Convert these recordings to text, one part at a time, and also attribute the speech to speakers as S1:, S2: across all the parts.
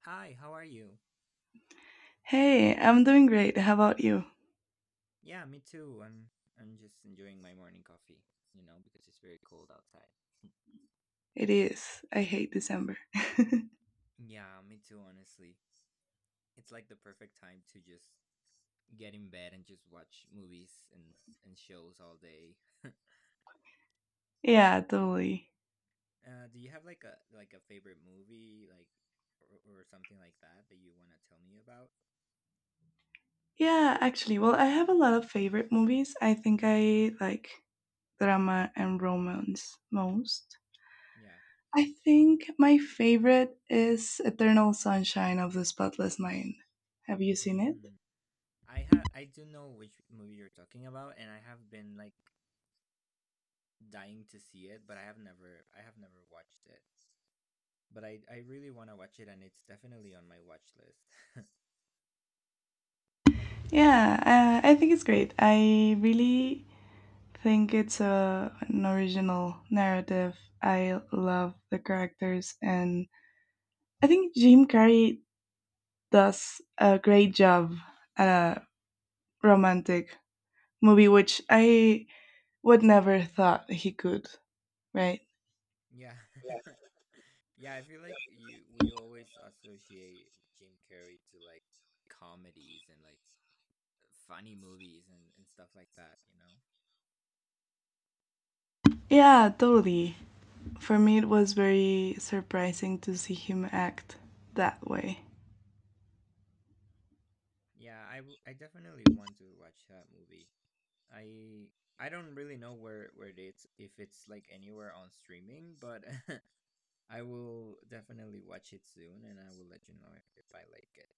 S1: Hi, how are you?
S2: Hey, I'm doing great. How about you?
S1: Yeah, me too. I'm just enjoying my morning coffee, you know, because it's very cold outside.
S2: It is. I hate December.
S1: Yeah, me too, honestly. It's like the perfect time to just get in bed and just watch movies and shows all day.
S2: Yeah, totally.
S1: Do you have like a favorite movie like or something like that that you want to tell me about?
S2: Yeah, actually, well, I have a lot of favorite movies. I think I like drama and romance most.
S1: Yeah.
S2: I think my favorite is Eternal Sunshine of the Spotless Mind. Have you seen it?
S1: Mm. I do know which movie you're talking about, and I have been like dying to see it, but I have never watched it. But I really want to watch it, and it's definitely on my watch list.
S2: Yeah, I think it's great. I really think it's an original narrative. I love the characters, and I think Jim Carrey does a great job at a romantic movie, which I would never thought he could, right?
S1: Yeah. Yeah, I feel like you always associate Jim Carrey to like comedies and like funny movies and stuff like that, you know.
S2: Yeah, totally. For me, it was very surprising to see him act that way.
S1: Yeah, I definitely want to watch that movie. I I don't really know where it is, if it's like anywhere on streaming, but I will definitely watch it soon, and I will let you know if I like it.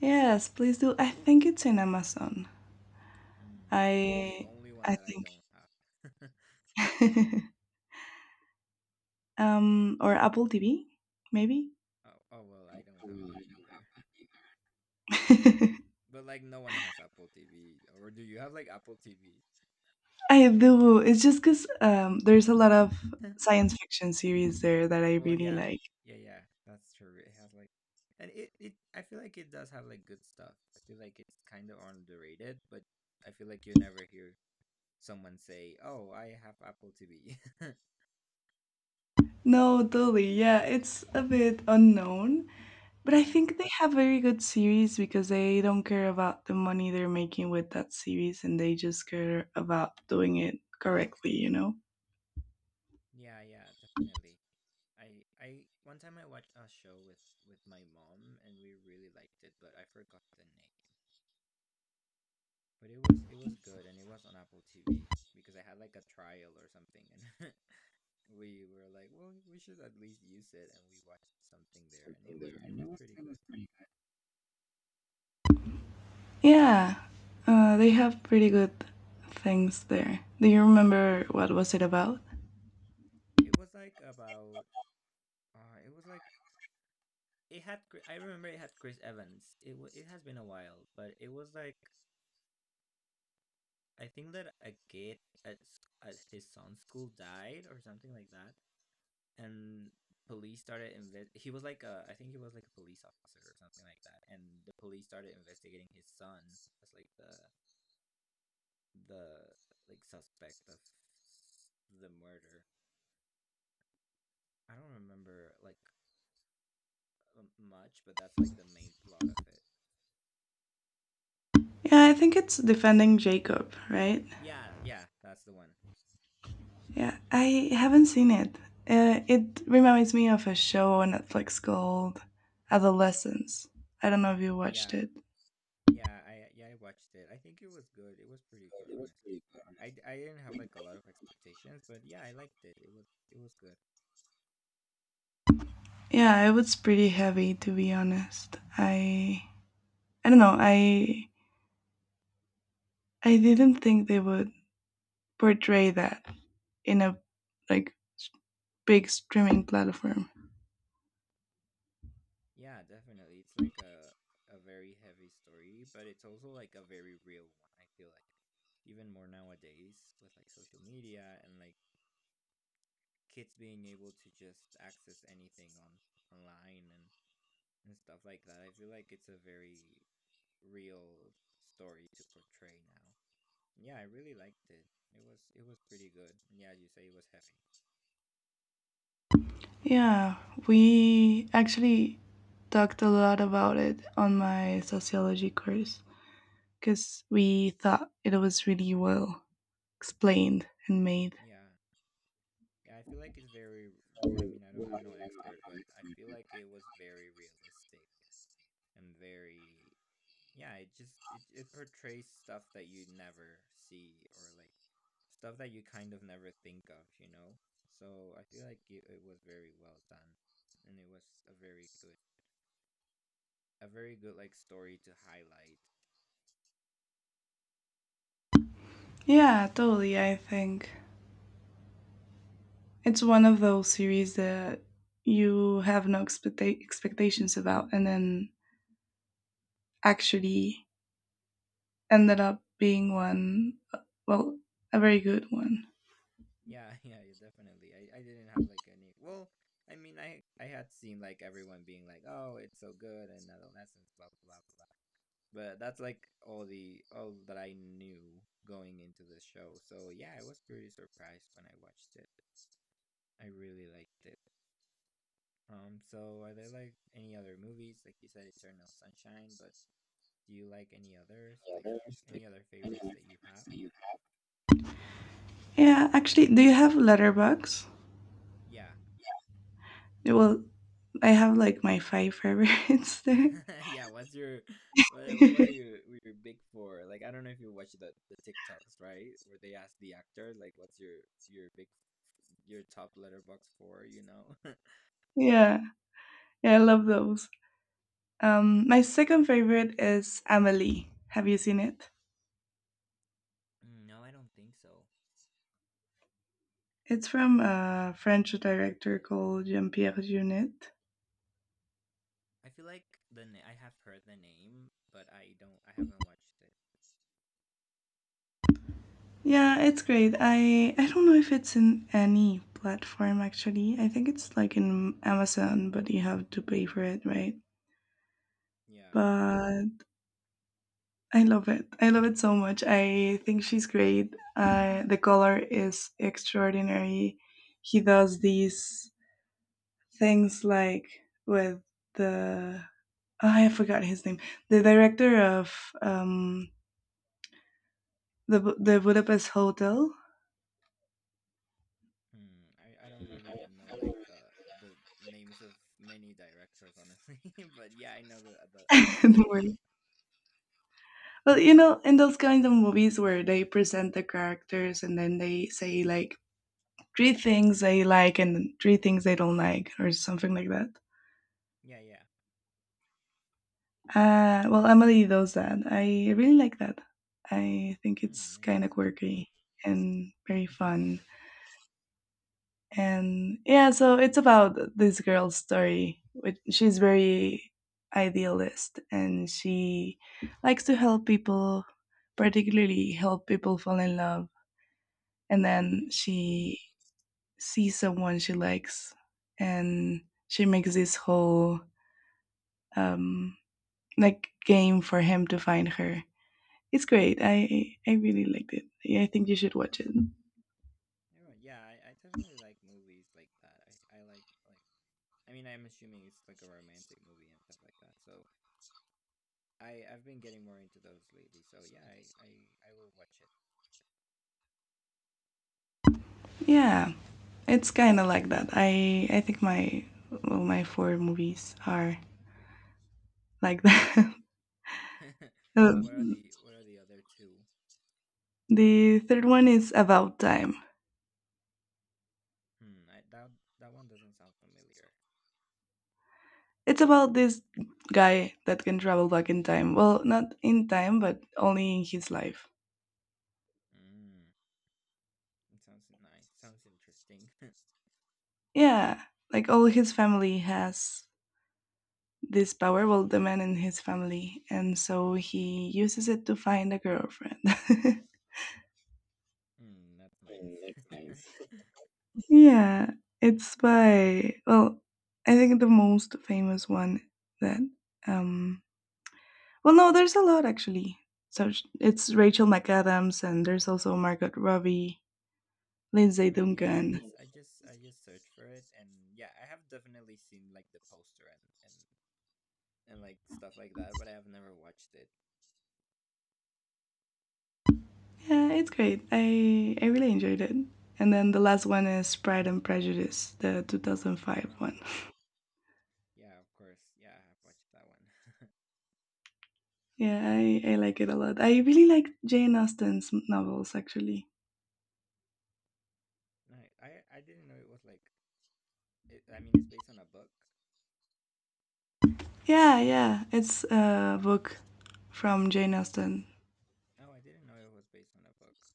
S2: Yes, please do. I think it's in Amazon.
S1: Mm, the
S2: I
S1: only one
S2: I
S1: that I
S2: think.
S1: don't have.
S2: Or Apple TV, maybe.
S1: Oh, oh well, I don't have that either.
S2: I
S1: But like no one has Apple TV. Or do you have like Apple TV?
S2: do. It's just because there's a lot of science fiction series there that I
S1: Well,
S2: really
S1: yeah.
S2: like.
S1: Yeah, yeah. That's true. It has like and it I feel like it does have like good stuff. I feel like it's kind of underrated, but I feel like you never hear someone say, "Oh, I have Apple TV."
S2: No, totally. Yeah, it's a bit unknown, but I
S1: Yeah.
S2: think they have very good series because they don't care about the money they're making with that series and they just care about doing it correctly, you know?
S1: Yeah, yeah, definitely. I one time I watched a show with my mom, and we really liked it, but I forgot the name. But it was good, and it was on Apple TV because I had like a trial or something, and we were like, well, we should at least use it, and we watched something there, and it was pretty good.
S2: Yeah, they have pretty good things there. Do you remember what was it about?
S1: It was like about it was like it had I remember it had Chris Evans. It has been a while, but it was like I think that a kid at his son's school died or something like that, and police started invest. He was like I think he was like a police officer or something like that, and the police started investigating his son as like the like suspect of the murder. I don't remember like much, but that's like the main plot of it.
S2: Yeah, I think it's Defending Jacob, right?
S1: Yeah, yeah, that's the one.
S2: Yeah, I haven't seen it. It reminds me of a show on Netflix called Adolescence. I don't know if you watched
S1: Yeah.
S2: it.
S1: Yeah, I I watched it. I think it was good. It was pretty good, honestly. I I didn't have like a lot of expectations, but yeah, I liked it. It was good.
S2: Yeah, it was pretty heavy, to be honest. I don't know. I didn't think they would portray that in a, like, big streaming platform.
S1: Yeah, definitely. It's like a very heavy story, but it's also like a very real one. I feel like even more nowadays with like social media and like kids being able to just access anything on online and stuff like that. I feel like it's a very real story to portray now. Yeah, I really liked it. It was pretty good. And yeah, as you say, it was heavy.
S2: Yeah, we actually talked a lot about it on my sociology course because we thought it was really well explained and made.
S1: Yeah. Yeah, I feel like it's very well, I mean, I'm no expert, but I feel like it was very realistic and very yeah, it just it portrays stuff that you never see, or like stuff that you kind of never think of, you know? So I feel like it was very well done, and it was a very good a very good like story to highlight.
S2: Yeah, totally. I think it's one of those series that you have no expectations about, and then actually ended up being one, well, a very good one.
S1: Yeah, yeah, yeah, definitely. I didn't have like any. Well, I mean, I had seen like everyone being like, "Oh, it's so good," and adolescence, blah blah blah blah. But that's like all that I knew going into the show. So yeah, I was pretty surprised when I watched it. I really liked it. So are there like any other movies? Like you said, Eternal Sunshine, but do you like any others? Like
S2: Like,
S1: any other
S2: any
S1: favorites
S2: other
S1: that you have?
S2: that you— Yeah, actually, do you have Letterbox?
S1: Yeah.
S2: Well, I have like my five favorites there.
S1: Yeah, what what
S2: Yeah,
S1: are you what are your big for? Like, I don't know if you watch the TikToks, right? Where they ask the actor like what's your big your top letterbox for? You know?
S2: yeah, I love those. My second favorite is Amelie. Have you seen it?
S1: No, I don't think so.
S2: It's from a French director called Jean Pierre Jeunet.
S1: I feel like I have heard the name, but I haven't watched it.
S2: Yeah, it's great. I don't know if it's in any platform actually. I think it's like in Amazon, but you have to pay for it, right?
S1: Yeah.
S2: But I love it. I love it so much. I think she's great. The color is extraordinary. He does these things like with the, oh, I forgot his name. The director of um the the Budapest Hotel.
S1: Hmm. I don't really know like the names of many directors, honestly. But yeah, I know the I know
S2: The
S1: that.
S2: word. Well, you know, in those kinds of movies where they present the characters and then they say like three things they like and three things they don't like or something like that.
S1: Yeah, yeah.
S2: Well, Emily does that. I really like that. I think
S1: Mm,
S2: it's kind of
S1: nice.
S2: quirky and very fun. And yeah, so it's about this girl's story. Which she's very idealist and she likes to help people, particularly help people fall in love, and
S1: Mm,
S2: then
S1: nice.
S2: she see someone she likes and she makes this whole um like game for him to find her. It's great. I really liked it. Yeah, I think you should watch it.
S1: You're right. Yeah, I definitely like movies like that. I like I mean, I'm assuming it's like a romantic movie and stuff like that. So I I've been getting more into those lately. So yeah, I will watch
S2: Yeah, it's kind of like that. I think my well, my four movies are like that.
S1: it.
S2: Uh,
S1: So what are the other two?
S2: the third one is About Time.
S1: Hmm, that that one doesn't sound familiar.
S2: It's about this guy that can travel back in time, well, not in time, but only in his life.
S1: Mm, it sounds nice. Sounds interesting.
S2: Yeah, like all his family has this powerful, the man in his family, and so he uses it to find a girlfriend.
S1: Mm, that's nice.
S2: Yeah, it's by, well, I think the most famous one that um well, no, there's a lot actually. So it's Rachel McAdams, and there's also Margot Robbie, Lindsay
S1: Mm, yeah,
S2: Duncan.
S1: I just searched for it, and yeah, I have definitely seen like the poster and and like stuff like that, but I have never watched it.
S2: Yeah, it's great. I really enjoyed it. And then the last one is Pride and Prejudice, the 2005
S1: Oh
S2: one.
S1: yeah, yeah, of course, yeah, I have watched that one.
S2: Yeah, I like it a lot. I really like Jane Austen's novels, actually.
S1: Nice. I didn't know it was like. It, I mean, it's based on a book.
S2: Yeah, yeah, it's a book from Jane Austen.
S1: Oh, I didn't know it was based on a book.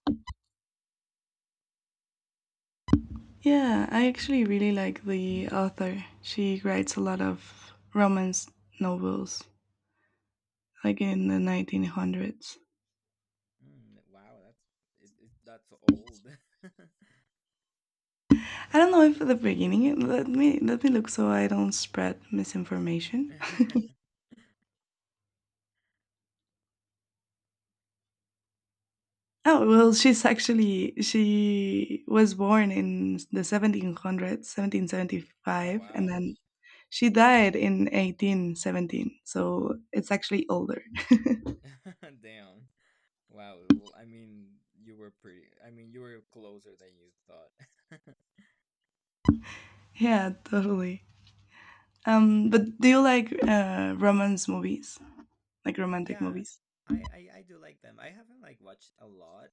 S2: Yeah, I actually really like the author. She writes a lot of romance novels, like in the 1900s.
S1: Mm, wow, that's that's old.
S2: I don't know if at the beginning. Let me look so I don't spread misinformation. Oh well, she's actually, she was born in the 1700s,
S1: Oh
S2: 1775, and
S1: wow.
S2: then she died in 1817, so it's actually older.
S1: Damn. Wow. Well, I mean, you were pretty. I mean, you were closer than you thought.
S2: Yeah, totally. But do you like romance movies, like romantic
S1: Yeah,
S2: movies?
S1: I do like them. I haven't like watched a lot.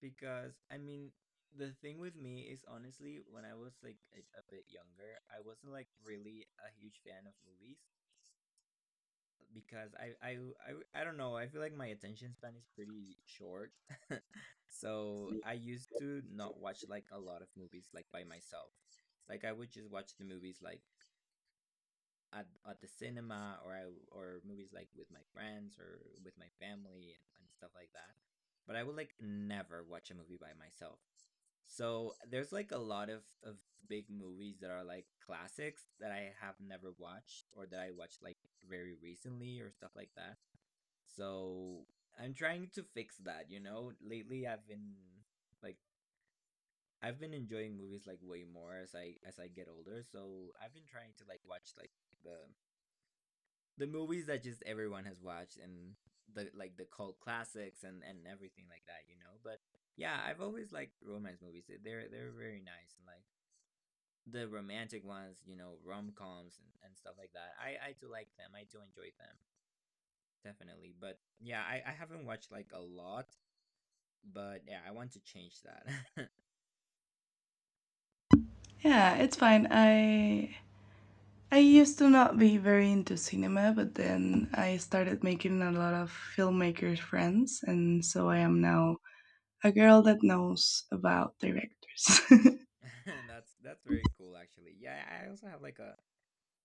S1: Because I mean, the thing with me is honestly, when I was like a bit younger, I wasn't like really a huge fan of movies because I don't know, I feel like my attention span is pretty short. So I used to not watch like a lot of movies like by myself. Like I would just watch the movies like at the cinema, or I or movies like with my friends or with my family and stuff like that. But I would like never watch a movie by myself. So there's like a lot of big movies that are like classics that I have never watched, or that I watched like very recently or stuff like that. So I'm trying to fix that, you know? Lately I've been like I've been enjoying movies like way more as I get older. So I've been trying to like watch like the the movies that just everyone has watched, and the like the cult classics and everything like that, you know? But yeah, I've always liked romance movies. They're very nice and like the romantic ones, you know, rom-coms and stuff like that. I do like them. I do enjoy them, definitely. But yeah, I haven't watched like a lot, but yeah, I want to change that.
S2: Yeah, it's fine. I used to not be very into cinema, but then I started making a lot of filmmaker friends, and so I
S1: Mm.
S2: am now a girl that knows about directors.
S1: That's very cool, actually. Yeah, I also have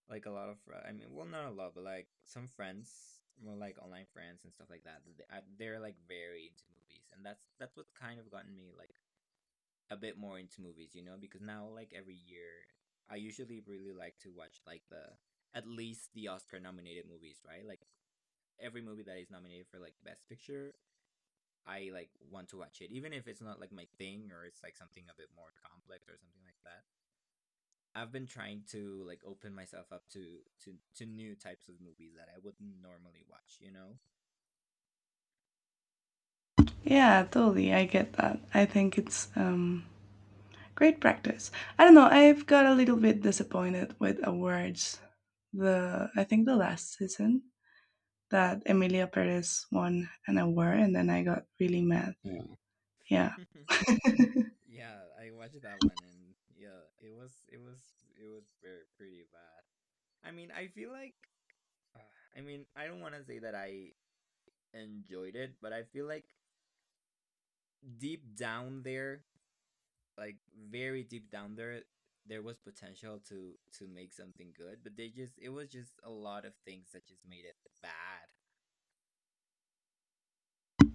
S1: like a lot of I mean, well, not a lot, but like some friends, more like online friends and stuff like that. They're like very into movies, and that's what kind of gotten me like a bit more into movies, you know, because now like every year I usually really like to watch like the at least the Oscar nominated movies, right? Like every movie that is nominated for like best picture, I like want to watch it, even if it's not like my thing, or it's like something a bit more complex or something like that. I've been trying to like open myself up to new types of movies that I wouldn't normally watch, you know?
S2: Yeah, totally. I get that. I think it's great practice. I don't know. I've got a little bit disappointed with awards. The I think the last season that Emilia Perez won an award, and then I got really
S1: Ew.
S2: mad. Yeah.
S1: Yeah, I watched that one, and yeah, it was very pretty bad. I mean, I feel like, uh, I mean, I don't want to say that I enjoyed it, but I feel like deep down there, like very deep down there, there was potential to make something good, but they just it was just a lot of things that just made it bad.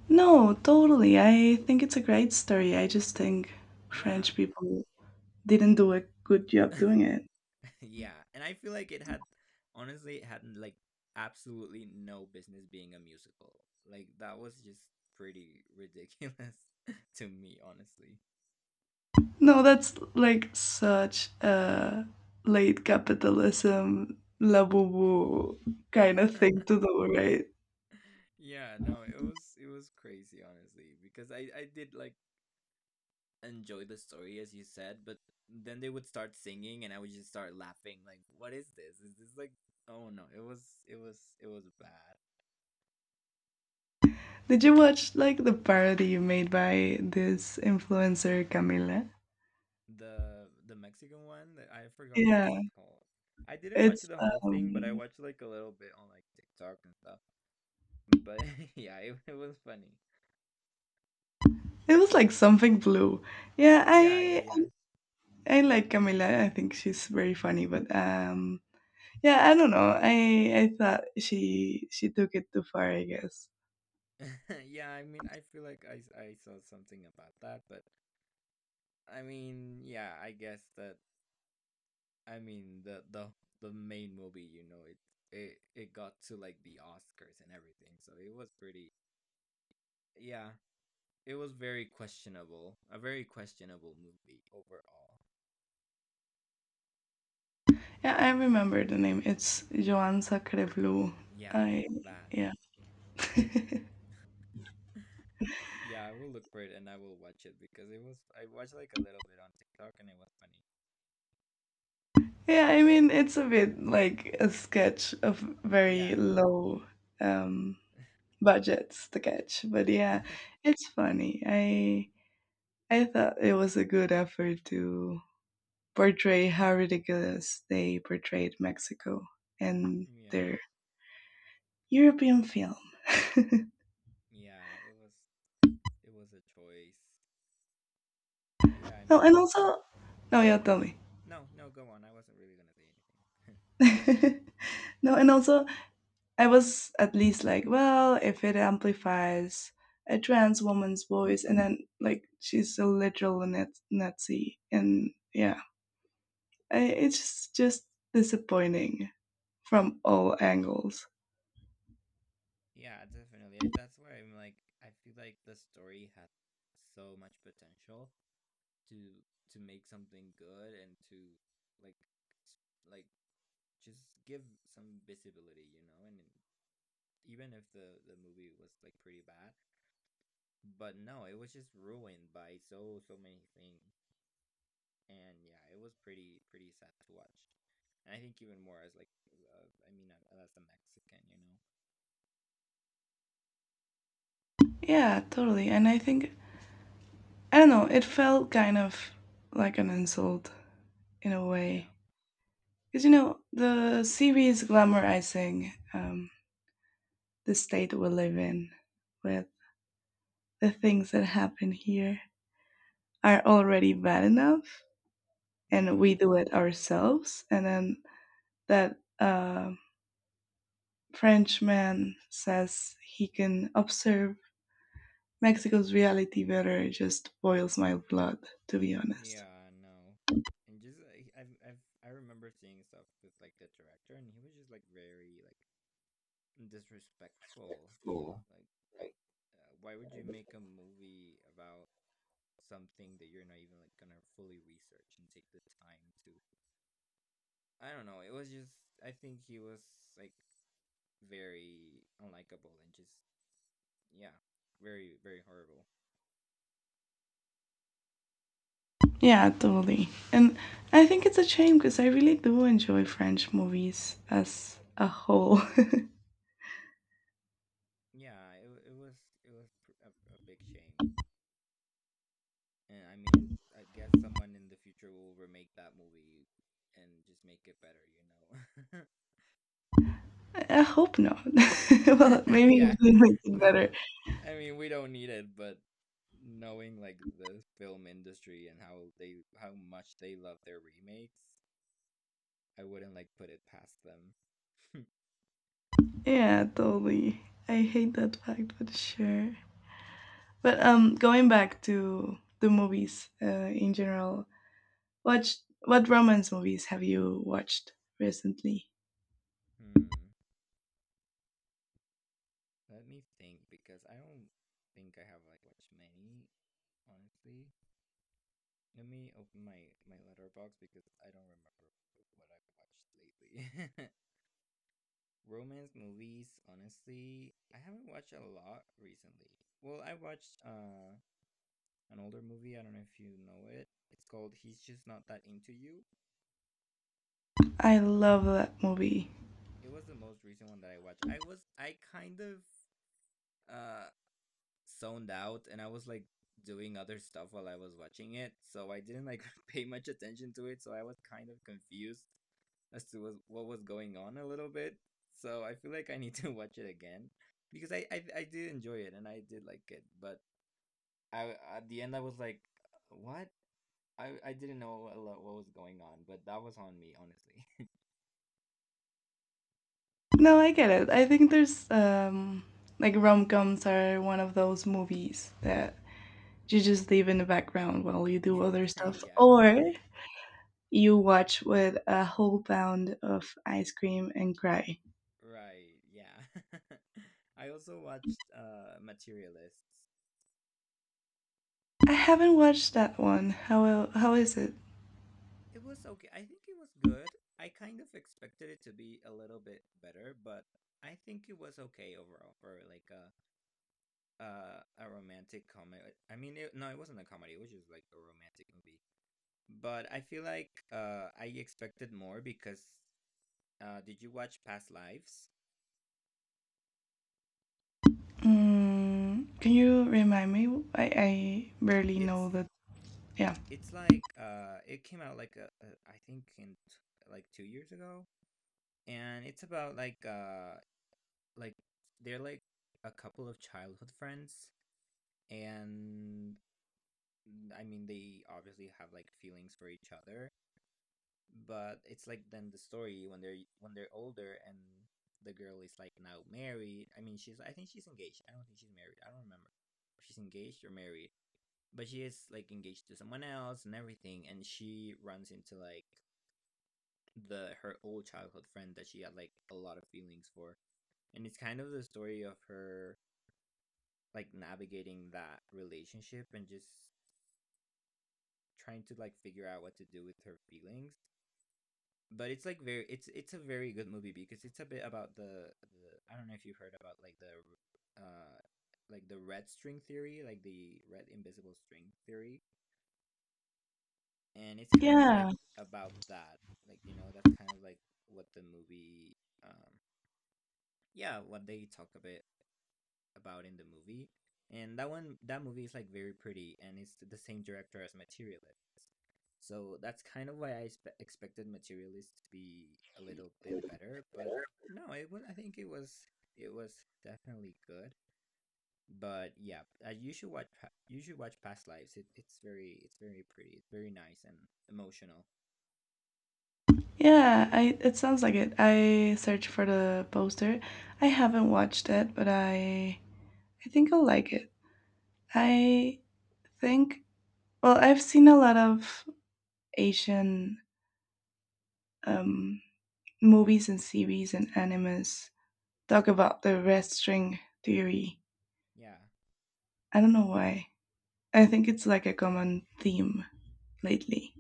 S2: No, totally. I think it's a great story. I just think French
S1: Yeah,
S2: people didn't do a good job doing it.
S1: yeah, and I feel like it had honestly it had like absolutely no business being a musical. Like that was just pretty ridiculous to me, honestly.
S2: No, that's like such a late capitalism, la boo boo kind of thing to do, right?
S1: Yeah, no, it was crazy honestly, because I did like enjoy the story, as you said, but then they would start singing, and I would just start laughing like, what is this? Is this like oh no, it was bad.
S2: Did you watch like the parody you made by this influencer Camila?
S1: The Mexican one, that I forgot what it
S2: Yeah,
S1: was called. I didn't watch
S2: it's
S1: the whole thing, but I watched like a little bit on like TikTok and stuff. But yeah, it was funny.
S2: it was like something blue. Yeah,
S1: Yeah, yeah,
S2: I
S1: yeah.
S2: I like Camila. I think she's very funny, but yeah, I don't know. I thought she took it too far, I guess.
S1: Yeah, I mean, I feel like I saw something about that, but I mean, yeah, I guess that I mean the main movie, it got to like the Oscars and everything. So it was pretty, yeah, it was very questionable. A very questionable movie overall.
S2: Yeah, I remember the name. It's Joan Sacrebleu.
S1: Yeah,
S2: I
S1: that.
S2: yeah.
S1: Yeah, I will look for it and I will watch it because it was, I watched like a little bit on TikTok and it was funny.
S2: Yeah, I mean it's a bit like a sketch of very
S1: Yeah.
S2: low um budgets, the catch. But yeah, it's funny. I thought it was a good effort to portray how ridiculous they portrayed Mexico and
S1: Yeah.
S2: their European film.
S1: Yeah, it was a choice. But yeah, I
S2: No, and
S1: mean,
S2: also— no, yeah, tell me.
S1: no, no, go on. I wasn't really gonna say anything.
S2: No, and also I was at least like, well, if it amplifies a trans woman's voice, and then like she's a literal Nazi, and yeah, it's just disappointing from all angles.
S1: Yeah, definitely. That's where I'm like, I feel like the story has so much potential to to make something good and to, like, s- like, just give some visibility, you know? And even if the movie was like pretty bad, but no, it was just ruined by so many things. And yeah, it was pretty sad to watch. And I think even more as like, I mean, as a Mexican, you know?
S2: Yeah, totally. And I think, I don't know, it felt kind of like an insult in a way.
S1: Yeah,
S2: Because you know, the series is glamorizing the state we live in, with the things that happen here are already bad enough, and
S1: yeah.
S2: we do it ourselves. And then that Frenchman says he can observe Mexico's reality better just boils my blood, to be honest.
S1: Yeah, no, and just I, I've I remember seeing stuff with like the director, and he was just like very like disrespectful. Like, why would you make a movie about something that you're not even like gonna fully research and take the time to? I don't know. It was just, I think he was like very unlikable and just, yeah, very horrible.
S2: Yeah, totally. And I think it's a shame because I really do enjoy French movies as a whole.
S1: Yeah, it wa- it was pr- a big shame. And I mean, I guess someone in the future will remake that movie and just make it better, know.
S2: I hope not. Well, maybe if
S1: Yeah.
S2: they make it
S1: N-
S2: better.
S1: I mean, we don't need it, but knowing like the film industry and how much they love their remakes, I wouldn't like put it past them.
S2: Yeah, totally. I hate that fact, but sure. But going back to the movies in general, watch what romance movies have you watched recently?
S1: Hmm. Let me think, because I don't think I have like watched many, honestly. Let me open my Letterbox because I don't remember what I've watched lately. Romance movies, honestly, I haven't watched a lot recently. Well, I watched an older movie, I don't know if you know it. It's called He's Just Not That Into You.
S2: I love that movie.
S1: It was the most recent one that I watched. I kind of uh zoned out and I was like doing other stuff while I was watching it, so I didn't like pay much attention to it, so I was kind of confused as to what was going on a little bit. So I feel like I need to watch it again, because I did enjoy it and I did like it, but I, at the end I was like, what? I didn't know what was going on, but that was on me, honestly.
S2: No, I get it. I think there's, like, rom coms are one of those movies that you just leave in the background while you do other stuff,
S1: Yeah,
S2: or you watch with a whole pound of ice cream and cry.
S1: right. Yeah. I also watched Materialists.
S2: I haven't watched that one. How is it?
S1: It was okay. I think it was good. I kind of expected it to be a little bit better, but I think it was okay overall for like a romantic comedy. I mean, no, it wasn't a comedy. It was just like a romantic movie. But I feel like I expected more because did you watch Past Lives?
S2: Mm, can you remind me? I barely know
S1: It's
S2: that. Yeah,
S1: it's like, it came out like, I think in, like 2 years ago, and it's about like, like they're like a couple of childhood friends, and I mean they obviously have like feelings for each other, but it's like then the story when they're older and the girl is like now married. I mean, she's I think she's engaged. I don't think she's married. I don't remember if she's engaged or married, but she is like engaged to someone else and everything, and she runs into, like, the her old childhood friend that she had like a lot of feelings for, and it's kind of the story of her like navigating that relationship and just trying to like figure out what to do with her feelings. But it's like very, it's a very good movie, because it's a bit about the I don't know if you've heard about like the red string theory, like the red invisible string theory. And it's kind of
S2: yeah,
S1: like about that, like, that's kind of like what the movie, um yeah, what they talk a bit about in the movie. And that movie is like very pretty, and it's the same director as Materialist. So that's kind of why I expected Materialist to be a little bit better, but no, it was I think it was definitely good. But yeah, you should watch, you should watch Past Lives. It's very pretty, it's very nice and emotional.
S2: yeah. I it sounds like it. I searched for the poster. I haven't watched it, but I think I'll like it. I think, well, I've seen a lot of Asian um movies and series and animes talk about the red string theory.
S1: Yeah.
S2: I don't know why. I think it's like a common theme lately.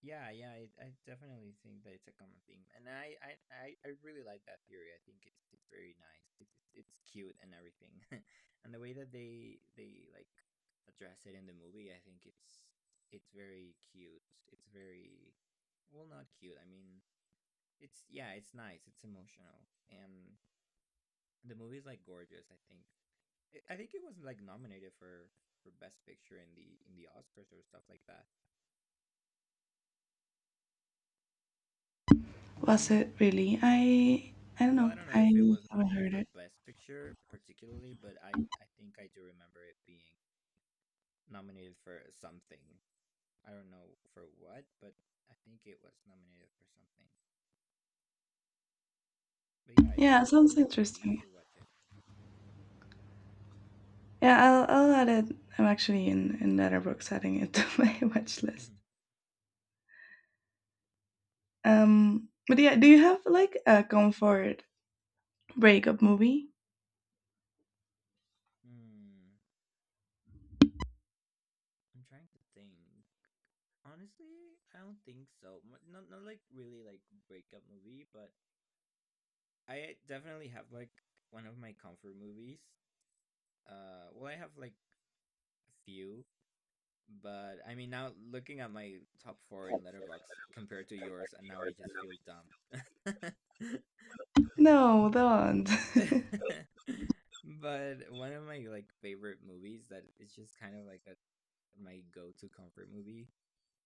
S1: Yeah, yeah, I definitely think that it's a common theme, and I really like that theory. I think it's very nice. It's cute and everything, and the way that they like address it in the movie, I think it's very cute. It's very Well, not cute. I mean, it's, yeah, it's nice. It's emotional, and the movie is like gorgeous. I think I think it was like nominated for best picture in the Oscars or stuff like that.
S2: Was it really? I don't
S1: Well, I
S2: know.
S1: don't know
S2: I
S1: if it was
S2: haven't
S1: nominated
S2: heard
S1: for
S2: it.
S1: Best Picture particularly, but I think I do remember it being nominated for something. I don't know for what, but I think it was nominated for something. But yeah,
S2: Yeah, it
S1: it's
S2: sounds
S1: very good. You
S2: interesting.
S1: should watch it.
S2: Yeah, I'll add it. I'm actually in Letterboxd adding it to my watch list. But yeah, do you have like a comfort breakup movie?
S1: Hmm. I'm trying to think. Honestly, I don't think so. Not like really like breakup movie, but I definitely have like one of my comfort movies. Well, I have like a few. But I mean, now looking at my top four in Letterbox compared to yours, and now I just feel dumb.
S2: No, don't.
S1: But one of my like favorite movies that is just kind of like my go-to comfort movie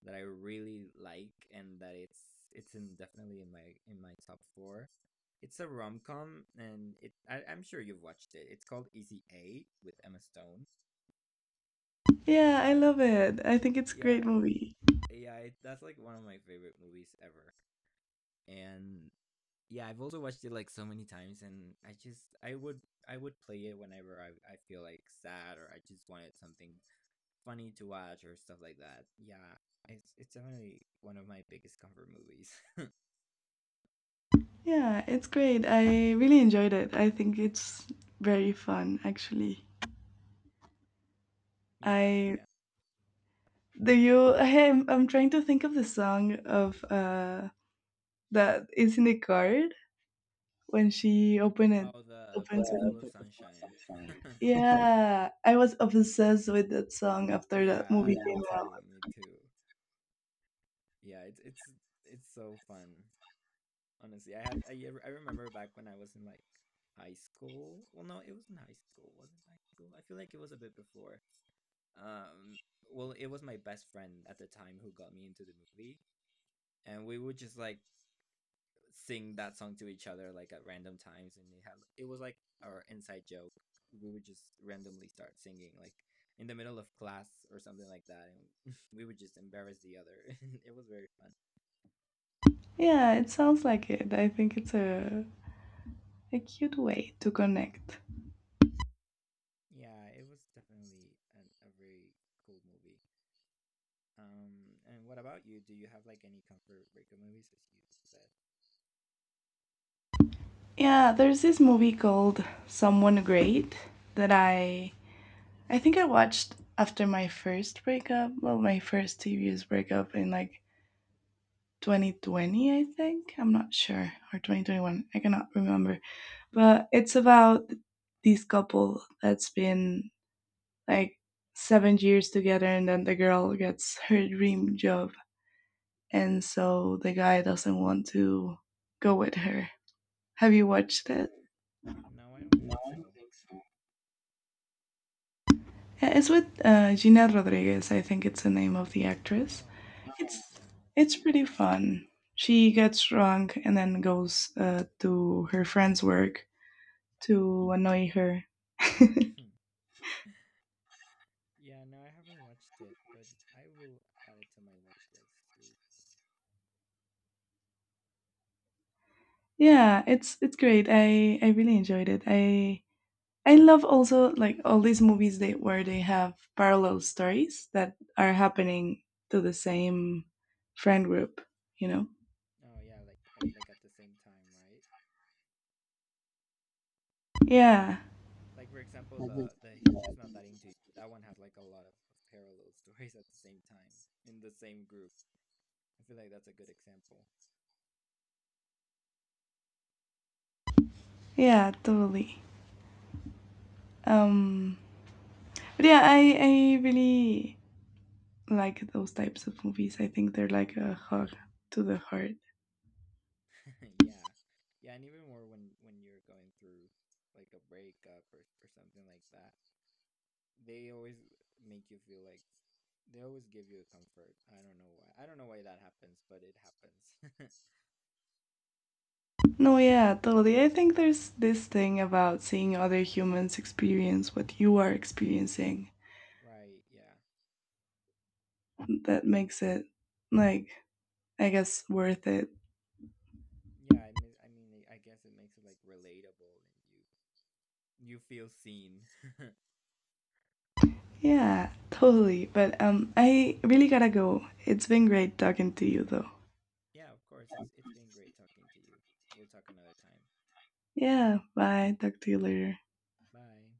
S1: that I really like, and that it's in, definitely in my top four. It's a rom com, and it I, I'm sure you've watched it. It's called Easy A with Emma Stone.
S2: Yeah, I love it. I think it's a
S1: Yeah,
S2: great movie.
S1: yeah, that's like one of my favorite movies ever. And yeah, I've also watched it like so many times, and I would play it whenever I feel like sad or I just wanted something funny to watch or stuff like that. Yeah, it's definitely one of my biggest comfort movies.
S2: Yeah, it's great. I really enjoyed it. I think it's very fun, actually.
S1: Yeah,
S2: I
S1: yeah.
S2: do you? Hey, I'm trying to think of the song of that is in the card when she open it
S1: Oh, the
S2: opens
S1: pocket full of
S2: it.
S1: sunshine.
S2: Yeah, I was obsessed with that song after that movie,
S1: Yeah,
S2: yeah,
S1: me
S2: came
S1: too,
S2: out.
S1: me too. Yeah, it's so fun. Honestly, I remember back when I was in like high school. Well, no, it was in high school, wasn't high school. I feel like it was a bit before. Um, well, it was my best friend at the time who got me into the movie, and we would just like sing that song to each other like at random times, and it was like our inside joke. We would just randomly start singing like in the middle of class or something like that, and we would just embarrass the other. It was very fun.
S2: Yeah, it sounds like it. I think it's a cute way to connect.
S1: Yeah, it was definitely a very cool movie. And what about you? Do you have like any comfort breakup movies as you said?
S2: Yeah, there's this movie called Someone Great that I think I watched after my first breakup, well, my first serious breakup in like 2020, I think. I'm not sure. Or 2021. I cannot remember. But it's about this couple that's been like 7 years together, and then the girl gets her dream job. And so the guy doesn't want to go with her. Have you
S1: Mm,
S2: watched it?
S1: no, I don't think so.
S2: Yeah, it's with Gina Rodriguez. I think it's the name of the actress.
S1: Oh,
S2: It's
S1: yeah.
S2: it's pretty fun. She gets drunk and then goes to her friend's work to annoy her.
S1: Hmm. Yeah, no, I haven't watched it, but I will add it to my watch list too.
S2: Yeah, it's great. I really enjoyed it. I love also, like, all these movies they where they have parallel stories that are happening to the same friend group, you know?
S1: Oh yeah, like, like at the same time, right?
S2: Yeah.
S1: Like for example, the he's just not that into you. That one has like a lot of parallel stories at the same time in the same group. I feel like that's a good example.
S2: Yeah, totally. Um but yeah, I really like those types of movies. I think they're like a hug to the heart.
S1: Yeah, yeah, and even more when, you're going through like a breakup or something like that, they always make you feel like, they always give you a comfort. I don't know why. I don't know why that happens, but it happens.
S2: No, yeah, totally. I think there's this thing about seeing other humans experience what you are experiencing
S1: Right, yeah.
S2: that makes it, like, I guess, worth it.
S1: Yeah, I mean, I guess it makes it like relatable, and you feel seen.
S2: Yeah, totally. But I really gotta go. It's been great talking to you though.
S1: Yeah, of course. It's been great talking to you. We'll talk another time.
S2: Yeah, bye. Talk to you later.
S1: Bye.